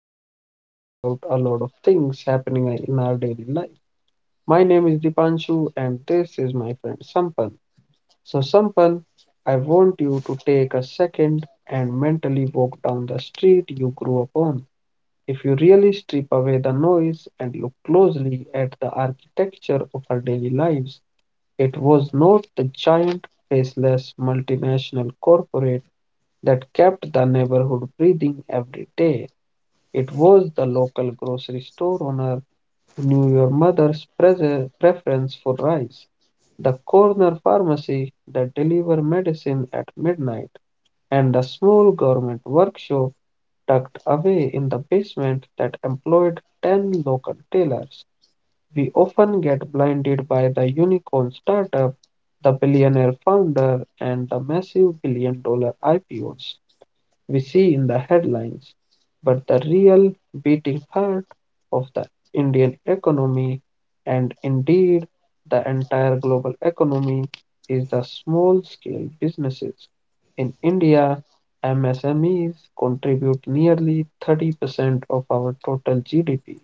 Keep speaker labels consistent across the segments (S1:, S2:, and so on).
S1: Here we talk about a lot of things happening in our daily life. My name is Dipanshu, and this is my friend Sampan. So, Sampan, I want you to take a second and mentally walk down the street you grew up on. If you really strip away the noise and look closely at the architecture of our daily lives, it was not the giant, faceless multinational corporate that kept the neighborhood breathing every day. It was the local grocery store owner who knew your mother's preference for rice, the corner pharmacy that delivered medicine at midnight, and the small government workshop tucked away in the basement that employed 10 local tailors. We often get blinded by the unicorn startup, the billionaire founder, and the massive billion dollar IPOs we see in the headlines, but the real beating heart of the Indian economy and indeed the entire global economy is the small scale businesses. In India, MSMEs contribute nearly 30% of our total GDP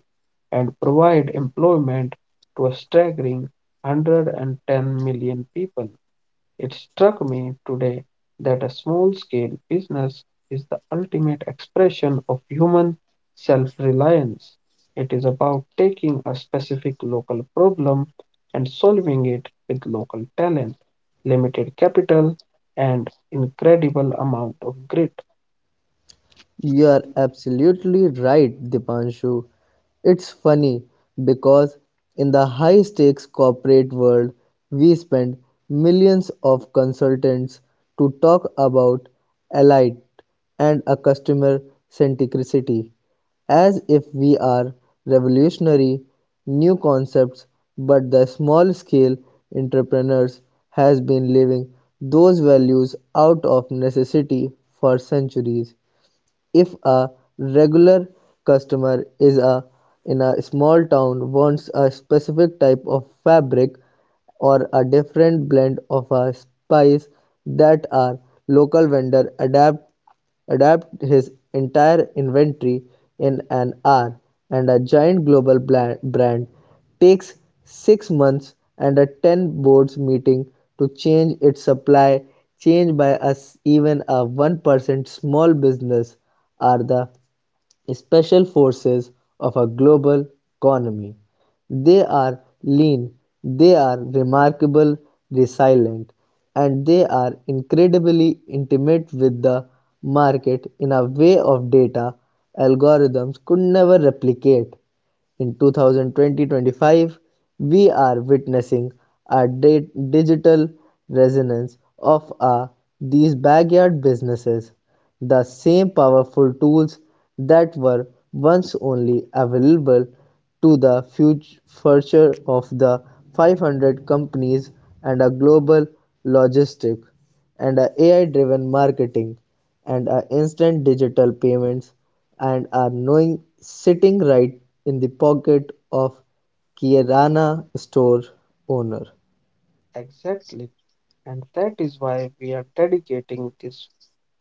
S1: and provide employment to a staggering 110 million people. It struck me today that a small scale business is the ultimate expression of human self reliance. It is about taking a specific local problem and solving it with local talent, limited capital, and incredible amount of grit.
S2: You are absolutely right, Dipanshu. It's funny because in the high stakes corporate world, we spend millions of consultants to talk about elite and a customer centricity as if we are revolutionary new concepts, but the small scale entrepreneurs has been living those values out of necessity for centuries. If a regular customer is a in a small town wants a specific type of fabric or a different blend of a spice, that our local vendor adapt his entire inventory in an hour, and a giant global brand takes 6 months and a 10 boards meeting to change its supply chain by us. Even a 1% small business are the special forces of a global economy. They are lean, they are remarkable resilient, and they are incredibly intimate with the market in a way of data algorithms could never replicate. In 2020-25, we are witnessing a digital resonance of these backyard businesses. The same powerful tools that were once only available to the future of the 500 companies, and a global logistic, and a AI-driven marketing, and a instant digital payments, and are knowing sitting right in the pocket of Kirana store owner.
S1: Exactly. And that is why we are dedicating this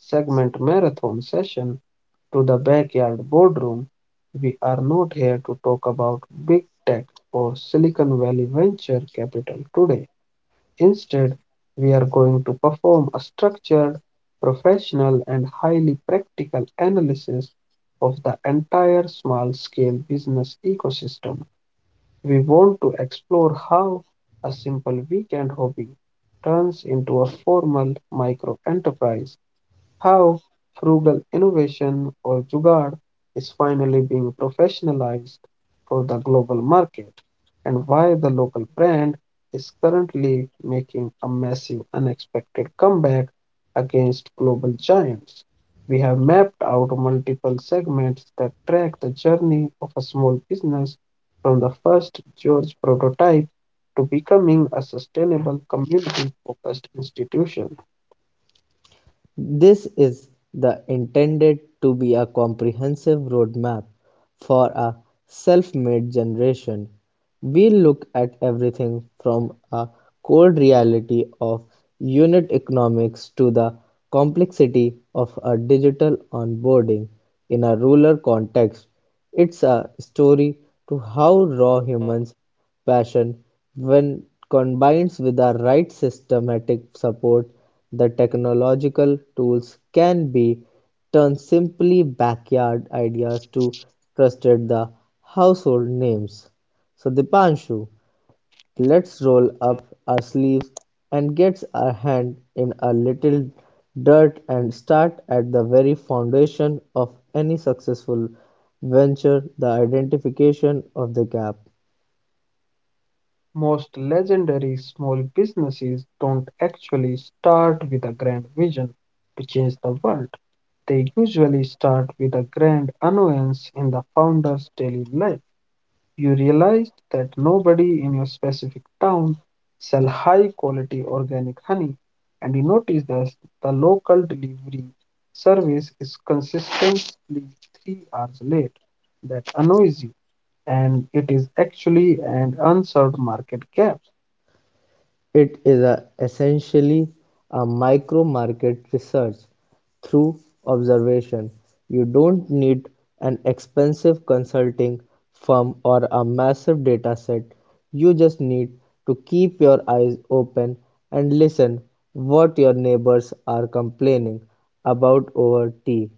S1: segment marathon session to the Backyard Boardroom. We are not here to talk about big tech or Silicon Valley venture capital today. Instead, we are going to perform a structured, professional, and highly practical analysis of the entire small scale business ecosystem. We want to explore how a simple weekend hobby turns into a formal micro enterprise, how frugal innovation or jugaad is finally being professionalized for the global market, and why the local brand is currently making a massive unexpected comeback against global giants. We have mapped out multiple segments that track the journey of a small business from the first George prototype to becoming a sustainable community focused institution.
S2: This is the intended to be a comprehensive roadmap for a self-made generation. We look at everything from a cold reality of unit economics to the complexity of a digital onboarding in a rural context. It's a story to how raw humans passion, when combined with the right systematic support, the technological tools can be turned simply backyard ideas to trusted the household names. So Dipanshu, let's roll up our sleeves and get our hand in a little dirt and start at the very foundation of any successful venture, the identification of the gap.
S1: Most legendary small businesses don't actually start with a grand vision to change the world. They usually start with a grand annoyance in the founder's daily life. You realized that nobody in your specific town sell high quality organic honey, and you notice that the local delivery service is consistently 3 hours late. That annoys you, and it is actually an unserved market gap.
S2: It is a, essentially a micro-market research through observation. You don't need an expensive consulting firm or a massive dataset, you just need to keep your eyes open and listen what your neighbors are complaining about over tea.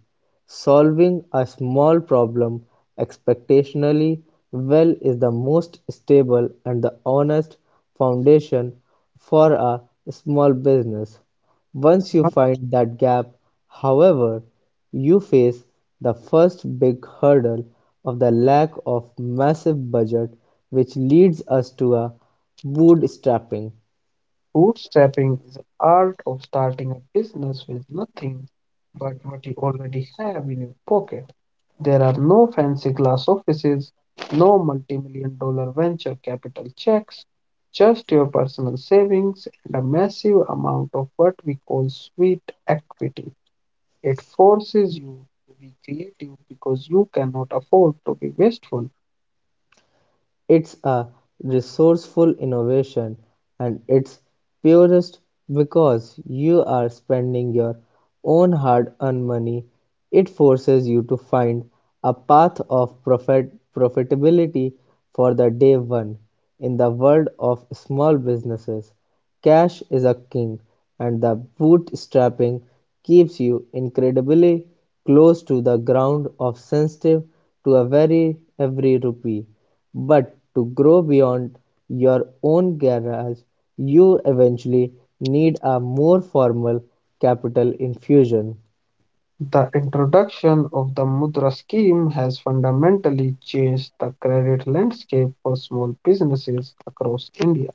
S2: Solving a small problem expectationally well is the most stable and the honest foundation for a small business. Once you
S1: But
S2: find that gap, however, you face the first big hurdle of the lack of massive budget, which leads us to a bootstrapping.
S1: bootstrapping is an art of starting a business with nothing but what you already have in your pocket. There are no fancy glass offices, no multi million dollar venture capital checks, just your personal savings and a massive amount of what we call sweet equity. It forces you to be creative because you cannot afford to be wasteful.
S2: It's a resourceful innovation and it's purest because you are spending your own hard-earned money. It forces you to find a path of profitability for the day one in the world of small businesses. Cash is a king, and the bootstrapping keeps you incredibly close to the ground of sensitive to a very every rupee. But to grow beyond your own garage, you eventually need a more formal capital infusion.
S1: The introduction of the Mudra scheme has fundamentally changed the credit landscape for small businesses across India.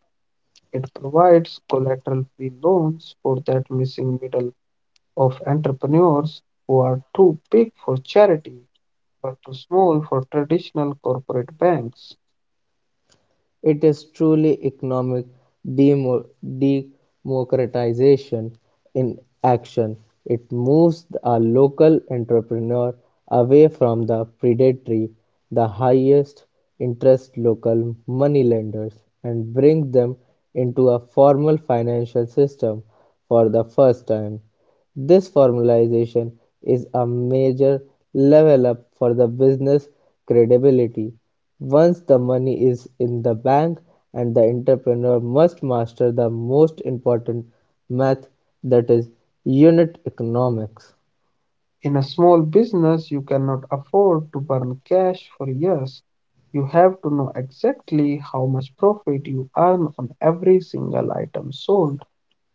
S1: It provides collateral free loans for that missing middle of entrepreneurs who are too big for charity but too small for traditional corporate banks.
S2: It is truly economic demo- democratization in action. It moves a local entrepreneur away from the predatory, the highest interest local moneylenders, and brings them into a formal financial system for the first time. This formalization is a major level-up for the business credibility. Once the money is in the bank, and the entrepreneur must master the most important math, that is unit economics.
S1: In a small business, you cannot afford to burn cash for years. You have to know exactly how much profit you earn on every single item sold,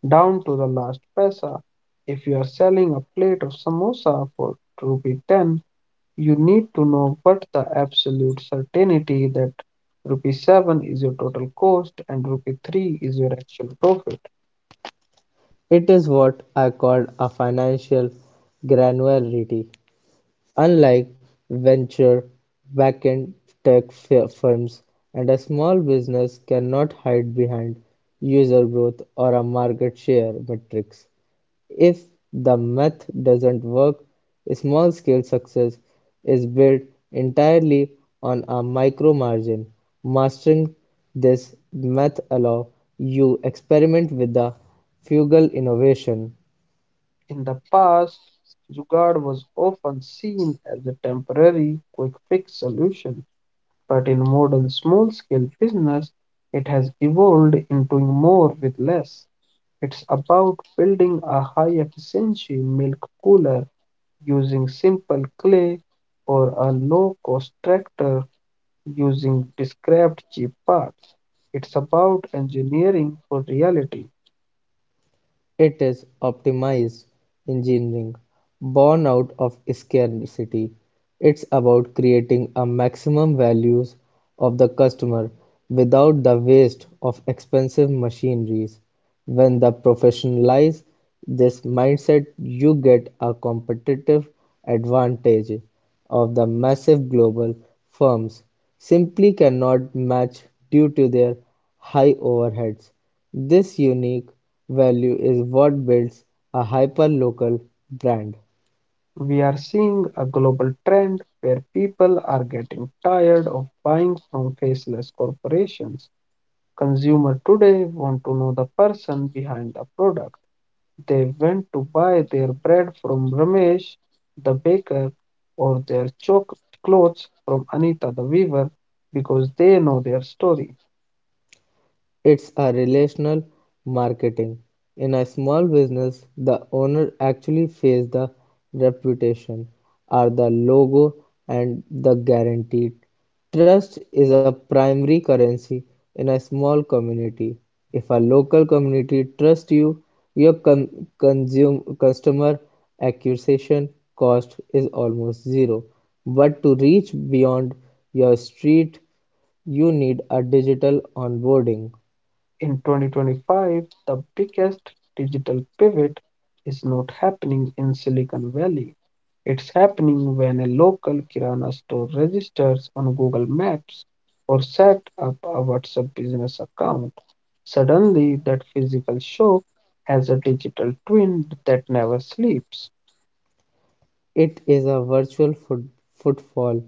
S1: down to the last pesa. If you are selling a plate of samosa for rupee 10, you need to know what the absolute certainty that rupee 7 is your total cost and rupee 3 is your actual profit.
S2: It is what I call a financial granularity. Unlike venture backend tech firms, and a small business cannot hide behind user growth or a market share metrics. If the math doesn't work, small scale success is built entirely on a micro margin. Mastering this math allow you experiment with the frugal innovation.
S1: In the past, Jugaad was often seen as a temporary, quick fix solution, but in modern small scale business, it has evolved into more with less. It's about building a high efficiency milk cooler using simple clay or a low-cost tractor using described cheap parts. It's about engineering for reality.
S2: It is optimized engineering, born out of scarcity. It's about creating a maximum values of the customer without the waste of expensive machineries. When the professionalize this mindset, you get a competitive advantage of the massive global firms simply cannot match due to their high overheads. This unique value is what builds a hyperlocal brand.
S1: We are seeing a global trend where people are getting tired of buying from faceless corporations. Consumers today want to know the person behind the product. They went to buy their bread from Ramesh, the baker, or their clothes from Anita, the weaver, because they know their story.
S2: It's a relational marketing. In a small business, the owner actually faces the reputation or the logo and the guaranteed. Trust is a primary currency in a small community. If a local community trusts you, your customer acquisition cost is almost zero. But to reach beyond your street, you need a digital onboarding.
S1: In 2025, the biggest digital pivot is not happening in Silicon Valley. It's happening when a local kirana store registers on Google Maps or set up a WhatsApp business account. Suddenly, that physical shop has a digital twin that never sleeps.
S2: It is a virtual footfall.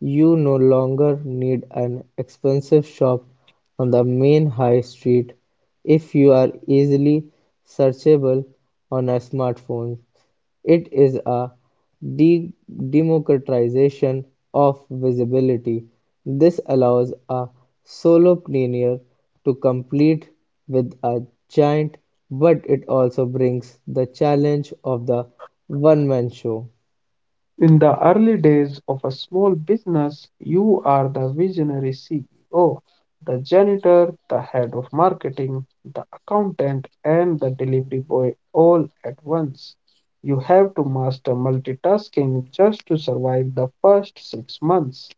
S2: You no longer need an expensive shop on the main high street if you are easily searchable on a smartphone. It is a de- democratization of visibility. This allows a solopreneur to compete with a giant, but it also brings the challenge of the one man show.
S1: In the early days of a small business, you are the visionary CEO, the janitor, the head of marketing, the accountant, and the delivery boy all at once. You have to master multitasking just to survive the first 6 months.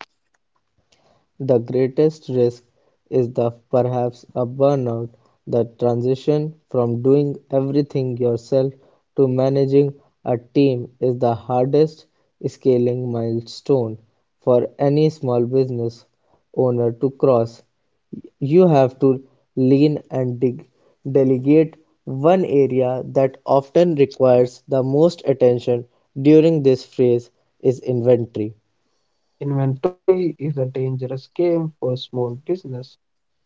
S2: The greatest risk is the perhaps a burnout. The transition from doing everything yourself to managing a team is the hardest scaling milestone for any small business owner to cross. You have to lean and dig, delegate. One area that often requires the most attention during this phase is inventory.
S1: Inventory is a dangerous game for small business.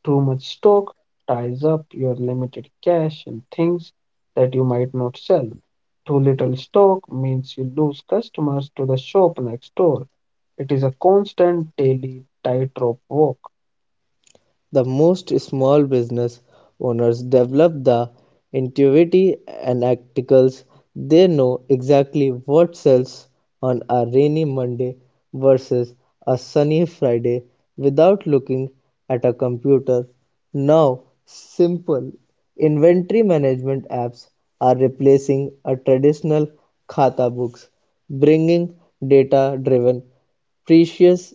S1: Too much stock ties up your limited cash in things that you might not sell. Too little stock means you lose customers to the shop next door. It is a constant daily tightrope walk.
S2: The most small business owners develop the intuitive and articles. They know exactly what sells on a rainy Monday versus a sunny Friday without looking at a computer. Now, simple inventory management apps are replacing a traditional khata books, bringing data driven precious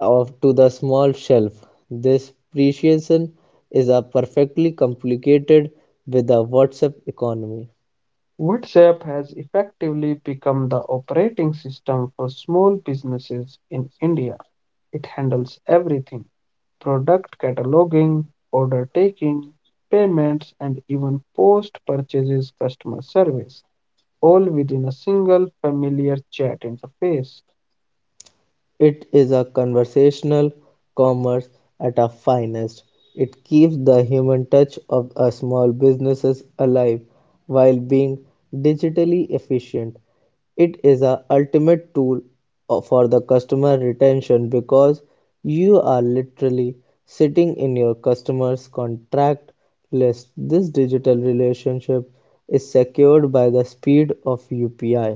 S2: off to the small shelf. This appreciation is a perfectly complicated with the WhatsApp economy.
S1: WhatsApp has effectively become the operating system for small businesses in India. It handles everything: product cataloging, order taking, payments, and even post purchases customer service, all within a single familiar chat interface.
S2: It is a conversational commerce at our finest. It keeps the human touch of our small businesses alive while being digitally efficient. It is a ultimate tool for the customer retention because you are literally sitting in your customer's contract list. This digital relationship is secured by the speed of UPI.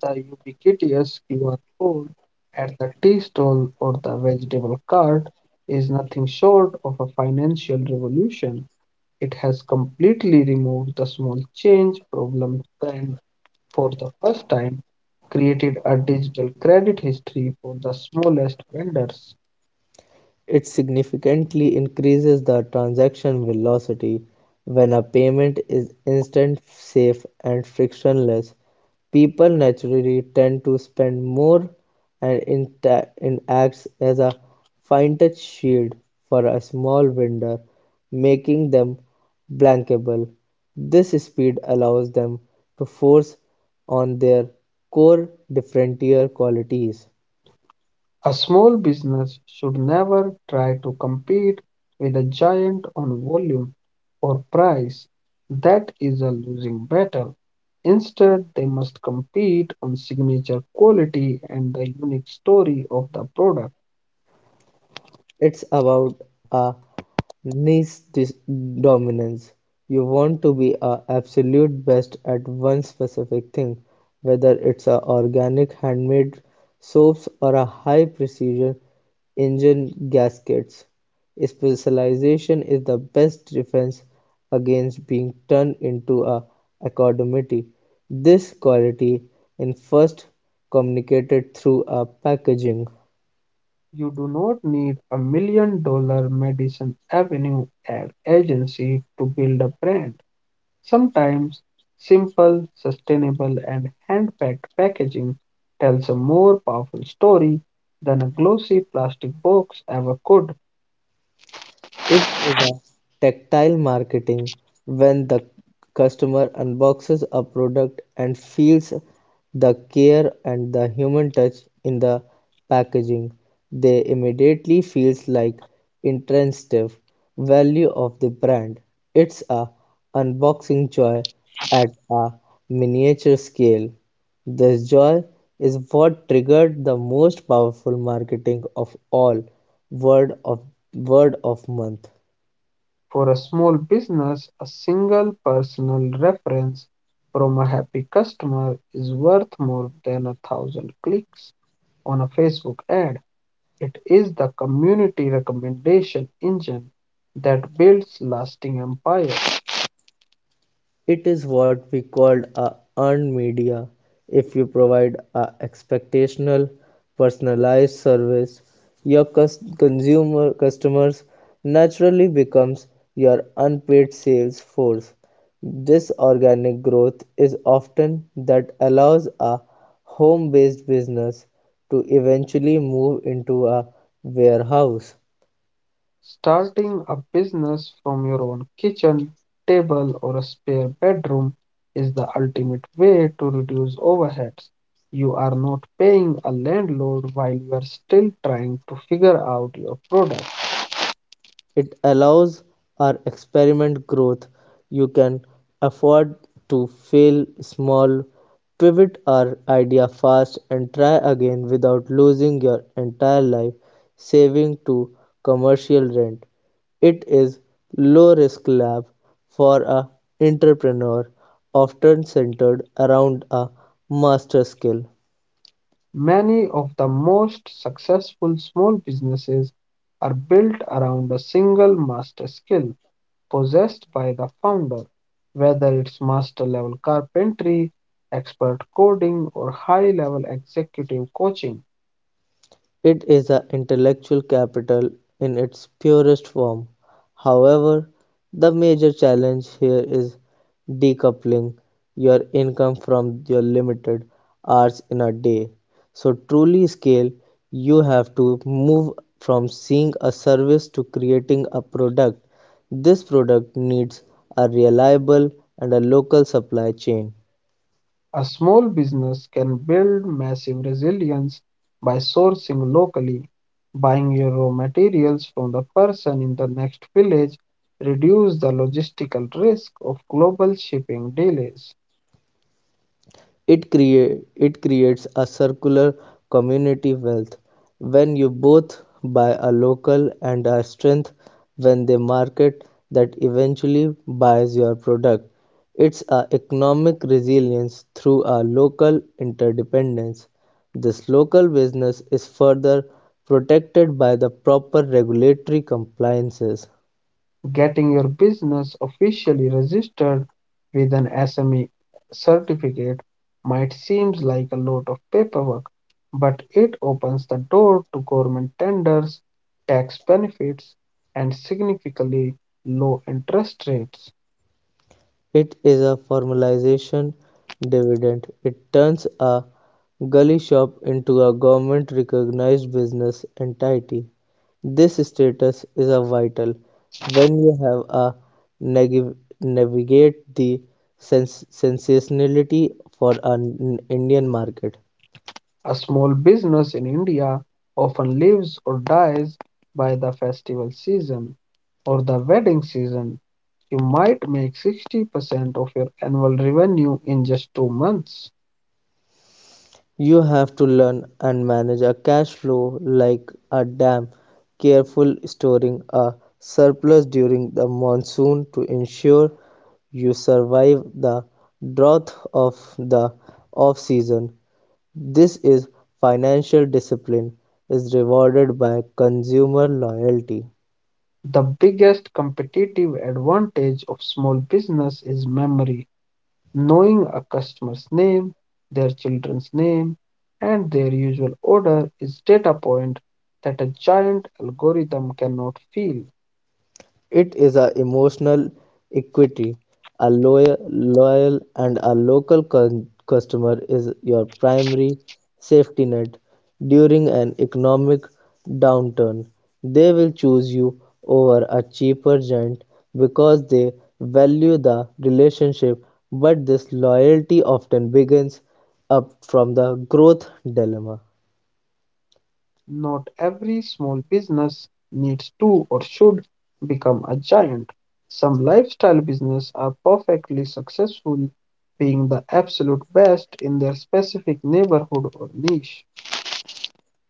S1: The ubiquitous QR code at the tea stall or the vegetable cart is nothing short of a financial revolution. It has completely removed the small change problem and for the first time created a digital credit history for the smallest vendors.
S2: It significantly increases the transaction velocity when a payment is instant, safe, and frictionless. People naturally tend to spend more, and it acts as a fine-touch shield for a small vendor, making them blankable. This speed allows them to force on their core differentiator qualities.
S1: A small business should never try to compete with a giant on volume or price. That is a losing battle. Instead, they must compete on signature quality and the unique story of the product.
S2: It's about a niche dominance. You want to be a absolute best at one specific thing, whether it's a organic handmade soaps or a high precision engine gaskets. Specialization is the best defense against being turned into a academity. This quality in first communicated through a packaging.
S1: You do not need a million dollar Madison Avenue ad agency to build a brand. Sometimes simple, sustainable, and hand-packed packaging tells a more powerful story than a glossy plastic box ever could.
S2: It is a tactile marketing when the customer unboxes a product and feels the care and the human touch in the packaging. They immediately feels like intrinsic value of the brand. It's a unboxing joy at a miniature scale. This joy is what triggered the most powerful marketing of all: word of word of mouth.
S1: For a small business, a single personal reference from a happy customer is worth more than a thousand clicks on a Facebook ad. It is the community recommendation engine that builds lasting empires.
S2: It is what we called a earned media. If you provide a expectational personalized service, your cus- consumer customers naturally becomes your unpaid sales force. This organic growth is often that allows a home based business to eventually move into a warehouse.
S1: Starting a business from your own kitchen table or a spare bedroom is the ultimate way to reduce overheads. You are not paying a landlord while you are still trying to figure out your product.
S2: It allows our experiment growth. You can afford to fail small, pivot our idea fast and try again without losing your entire life saving to commercial rent. It is low risk lab for a entrepreneur often centered around a master skill.
S1: Many of the most successful small businesses are built around a single master skill possessed by the founder, whether it's master level carpentry, expert coding, or high level executive coaching.
S2: It is the intellectual capital in its purest form. However, the major challenge here is decoupling your income from your limited hours in a day. So truly scale, you have to move from seeing a service to creating a product. This product needs a reliable and a local supply chain.
S1: A small business can build massive resilience by sourcing locally, buying your raw materials from the person in the next village, reduce the logistical risk of global shipping delays.
S2: It creates a circular community wealth when you both buy a local and a strength when they market that eventually buys your product. It's a economic resilience through a local interdependence. This local business is further protected by the proper regulatory compliances.
S1: Getting your business officially registered with an SME certificate might seem like a lot of paperwork, but it opens the door to government tenders, tax benefits, and significantly low interest rates.
S2: It is a formalization dividend. It turns a gully shop into a government-recognized business entity. This status is a vital when you have a nagi- navigate the sensationality for an Indian market.
S1: A small business in India often lives or dies by the festival season or the wedding season. You might make 60% of your annual revenue in just 2 months.
S2: You have to learn and manage a cash flow like a dam, careful storing a surplus during the monsoon to ensure you survive the drought of the off season. This is financial discipline is rewarded by consumer loyalty.
S1: The biggest competitive advantage of small business is memory. Knowing a customer's name, their children's name, and their usual order is data point that a giant algorithm cannot feel.
S2: It is a emotional equity: a loyal and a local customer is your primary safety net during an economic downturn. They will choose you over a cheaper giant because they value the relationship, but this loyalty often begins up from the growth dilemma.
S1: Not every small business needs to or should become a giant. Some lifestyle business are perfectly successful being the absolute best in their specific neighborhood or niche.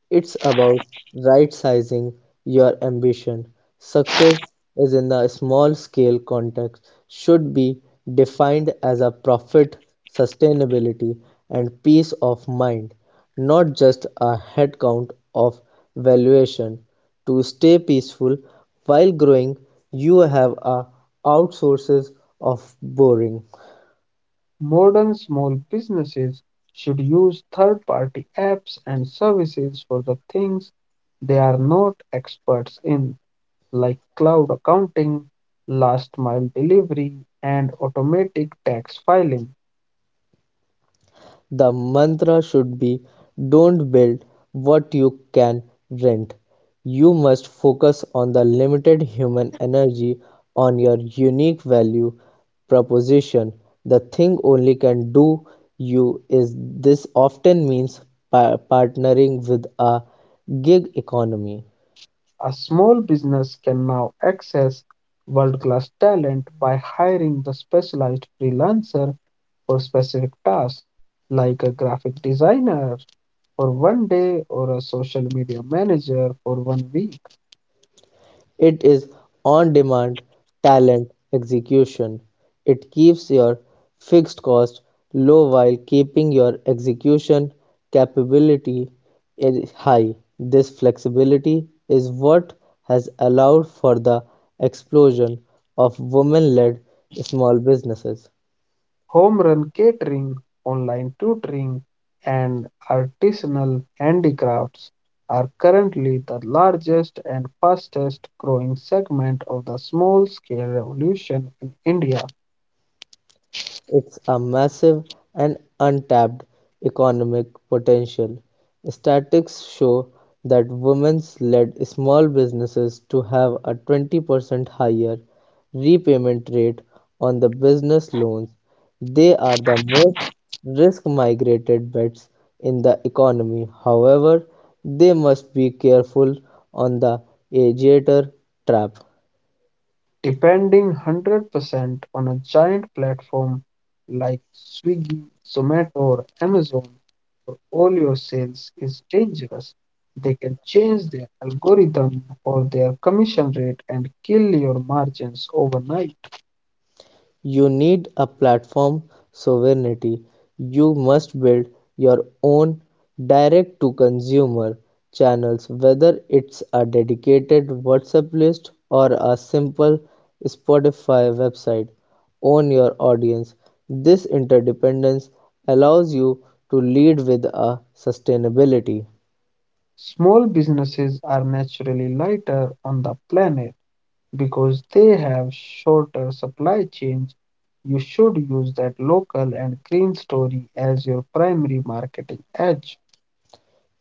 S2: It's about right sizing your ambition. Success is in the small scale context should be defined as a profit, sustainability, and peace of mind, not just a headcount of valuation. To stay peaceful while growing, you have a outsources of boring.
S1: Modern small businesses should use third-party apps and services for the things they are not experts in, like cloud accounting, last-mile delivery, and automatic tax filing.
S2: The mantra should be: don't build what you can rent. You must focus on the limited human energy on your unique value proposition. The thing only can do you is this often means partnering with a gig economy.
S1: A small business can now access world-class talent by hiring the specialized freelancer for specific tasks, like a graphic designer for 1 day or a social media manager for 1 week.
S2: It is on-demand talent execution. It keeps your fixed cost low while keeping your execution capability high. This flexibility is what has allowed for the explosion of women-led small businesses.
S1: Home run catering, online tutoring, and artisanal handicrafts are currently the largest and fastest growing segment of the small scale revolution in India.
S2: It's a massive and untapped economic potential. Statistics show that women's led small businesses to have a 20% higher repayment rate on the business loans. They are the most risk migrated bets in the economy. However, they must be careful on the agitator trap.
S1: Depending 100% on a giant platform like Swiggy, Zomato, or Amazon for all your sales is dangerous. They can change their algorithm or their commission rate and kill your margins overnight.
S2: You need a platform sovereignty. You must build your own direct-to-consumer channels, whether it's a dedicated WhatsApp list or a simple Spotify website. Own your audience. This interdependence allows you to lead with a sustainability.
S1: Small businesses are naturally lighter on the planet because they have shorter supply chains. You should use that local and green story as your primary marketing edge.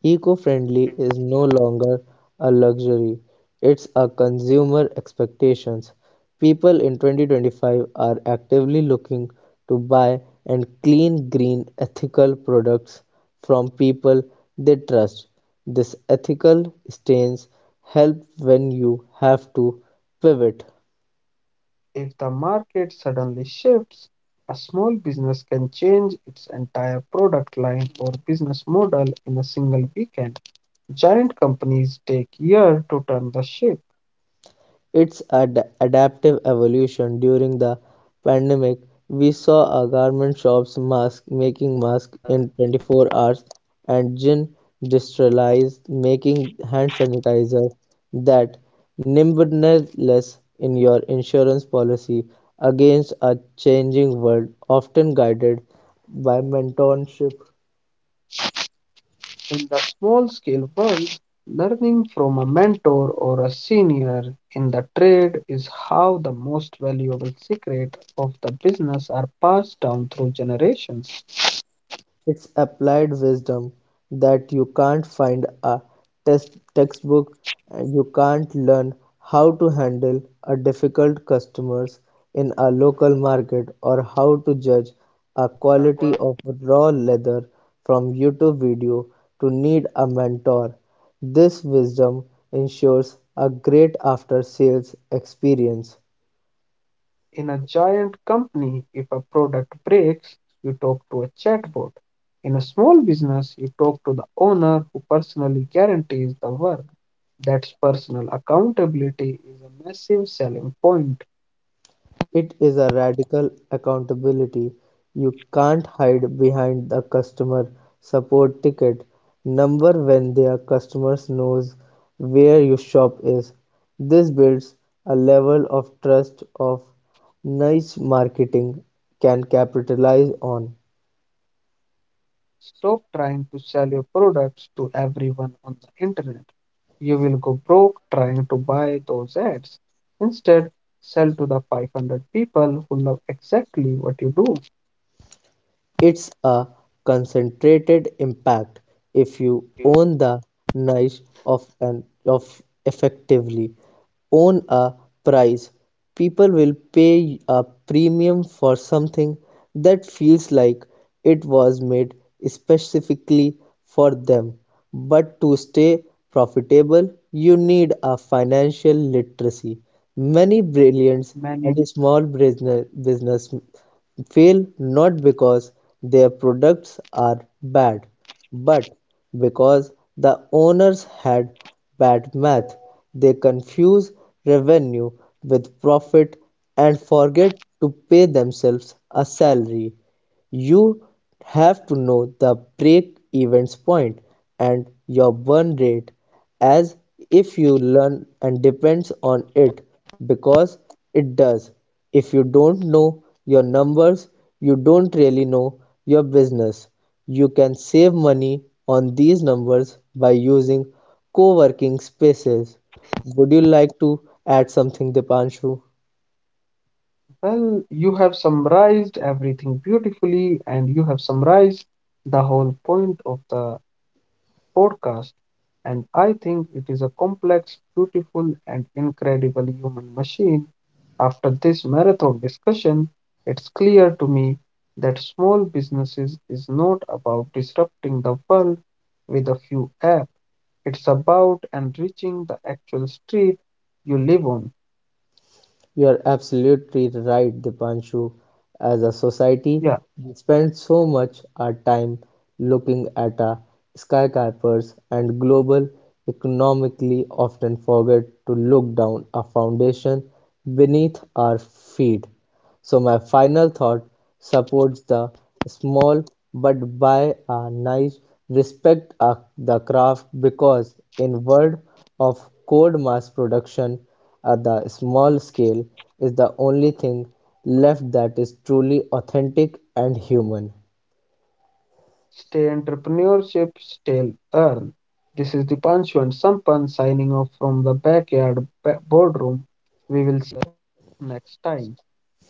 S2: Eco-friendly is no longer a luxury, it's a consumer expectation. People in 2025 are actively looking to buy and clean green ethical products from people they trust. This ethical stance helps when you have to pivot.
S1: If the market suddenly shifts, a small business can change its entire product line or business model in a single weekend. Giant companies take years to turn the ship.
S2: Its adaptive evolution during the pandemic, we saw a garment shops mask making masks in 24 hours and gin distilleries making hand sanitizer. That nimbleness in your insurance policy against a changing world often guided by mentorship.
S1: In the small scale world, learning from a mentor or a senior in the trade is how the most valuable secret of the business are passed down through generations.
S2: It's applied wisdom that you can't find a test textbook, and you can't learn how to handle a difficult customers in a local market or how to judge a quality of raw leather from YouTube video to need a mentor. This wisdom ensures a great after sales experience.
S1: In a giant company, if a product breaks, you talk to a chatbot. In a small business, you talk to the owner who personally guarantees the work. That's personal accountability is a massive selling point.
S2: It is a radical accountability. You can't hide behind the customer support ticket number when their customer knows where your shop is. This builds a level of trust of niche marketing can capitalize on.
S1: Stop trying to sell your products to everyone on the internet. You will go broke trying to buy those ads. Instead, sell to the 500 people who love exactly what you do.
S2: It's a concentrated impact if you own the niche of an of effectively own a price. People will pay a premium for something that feels like it was made specifically for them, but to stay profitable, you need a financial literacy. Many brilliant
S1: Many,
S2: and small business fail not because their products are bad, but because the owners had bad math. They confuse revenue with profit and forget to pay themselves a salary. You have to know the break-evens point and your burn rate as if you learn and depends on it because it does. If you don't know your numbers, you don't really know your business. You can save money on these numbers by using co-working spaces. Would you like to add something, Dipanshu?
S1: well, you have summarized everything beautifully, and you have summarized the whole point of the podcast, and I think it is a complex, beautiful, and incredible human machine. After this marathon discussion, it's clear to me that small businesses is not about disrupting the world with a few apps. It's about enriching the actual street you live on.
S2: You're absolutely right, Dipanshu. As a society,
S1: Yeah,
S2: we spend so much our time looking at our skyscrapers and global economically often forget to look down a foundation beneath our feet. So my final thought supports the small but by a nice respect the craft, because in world of code mass production at the small scale is the only thing left that is truly authentic and human.
S1: stay entrepreneurship, stay earn. This is the Dipanshu and Sampan signing off from the backyard boardroom. We will next time.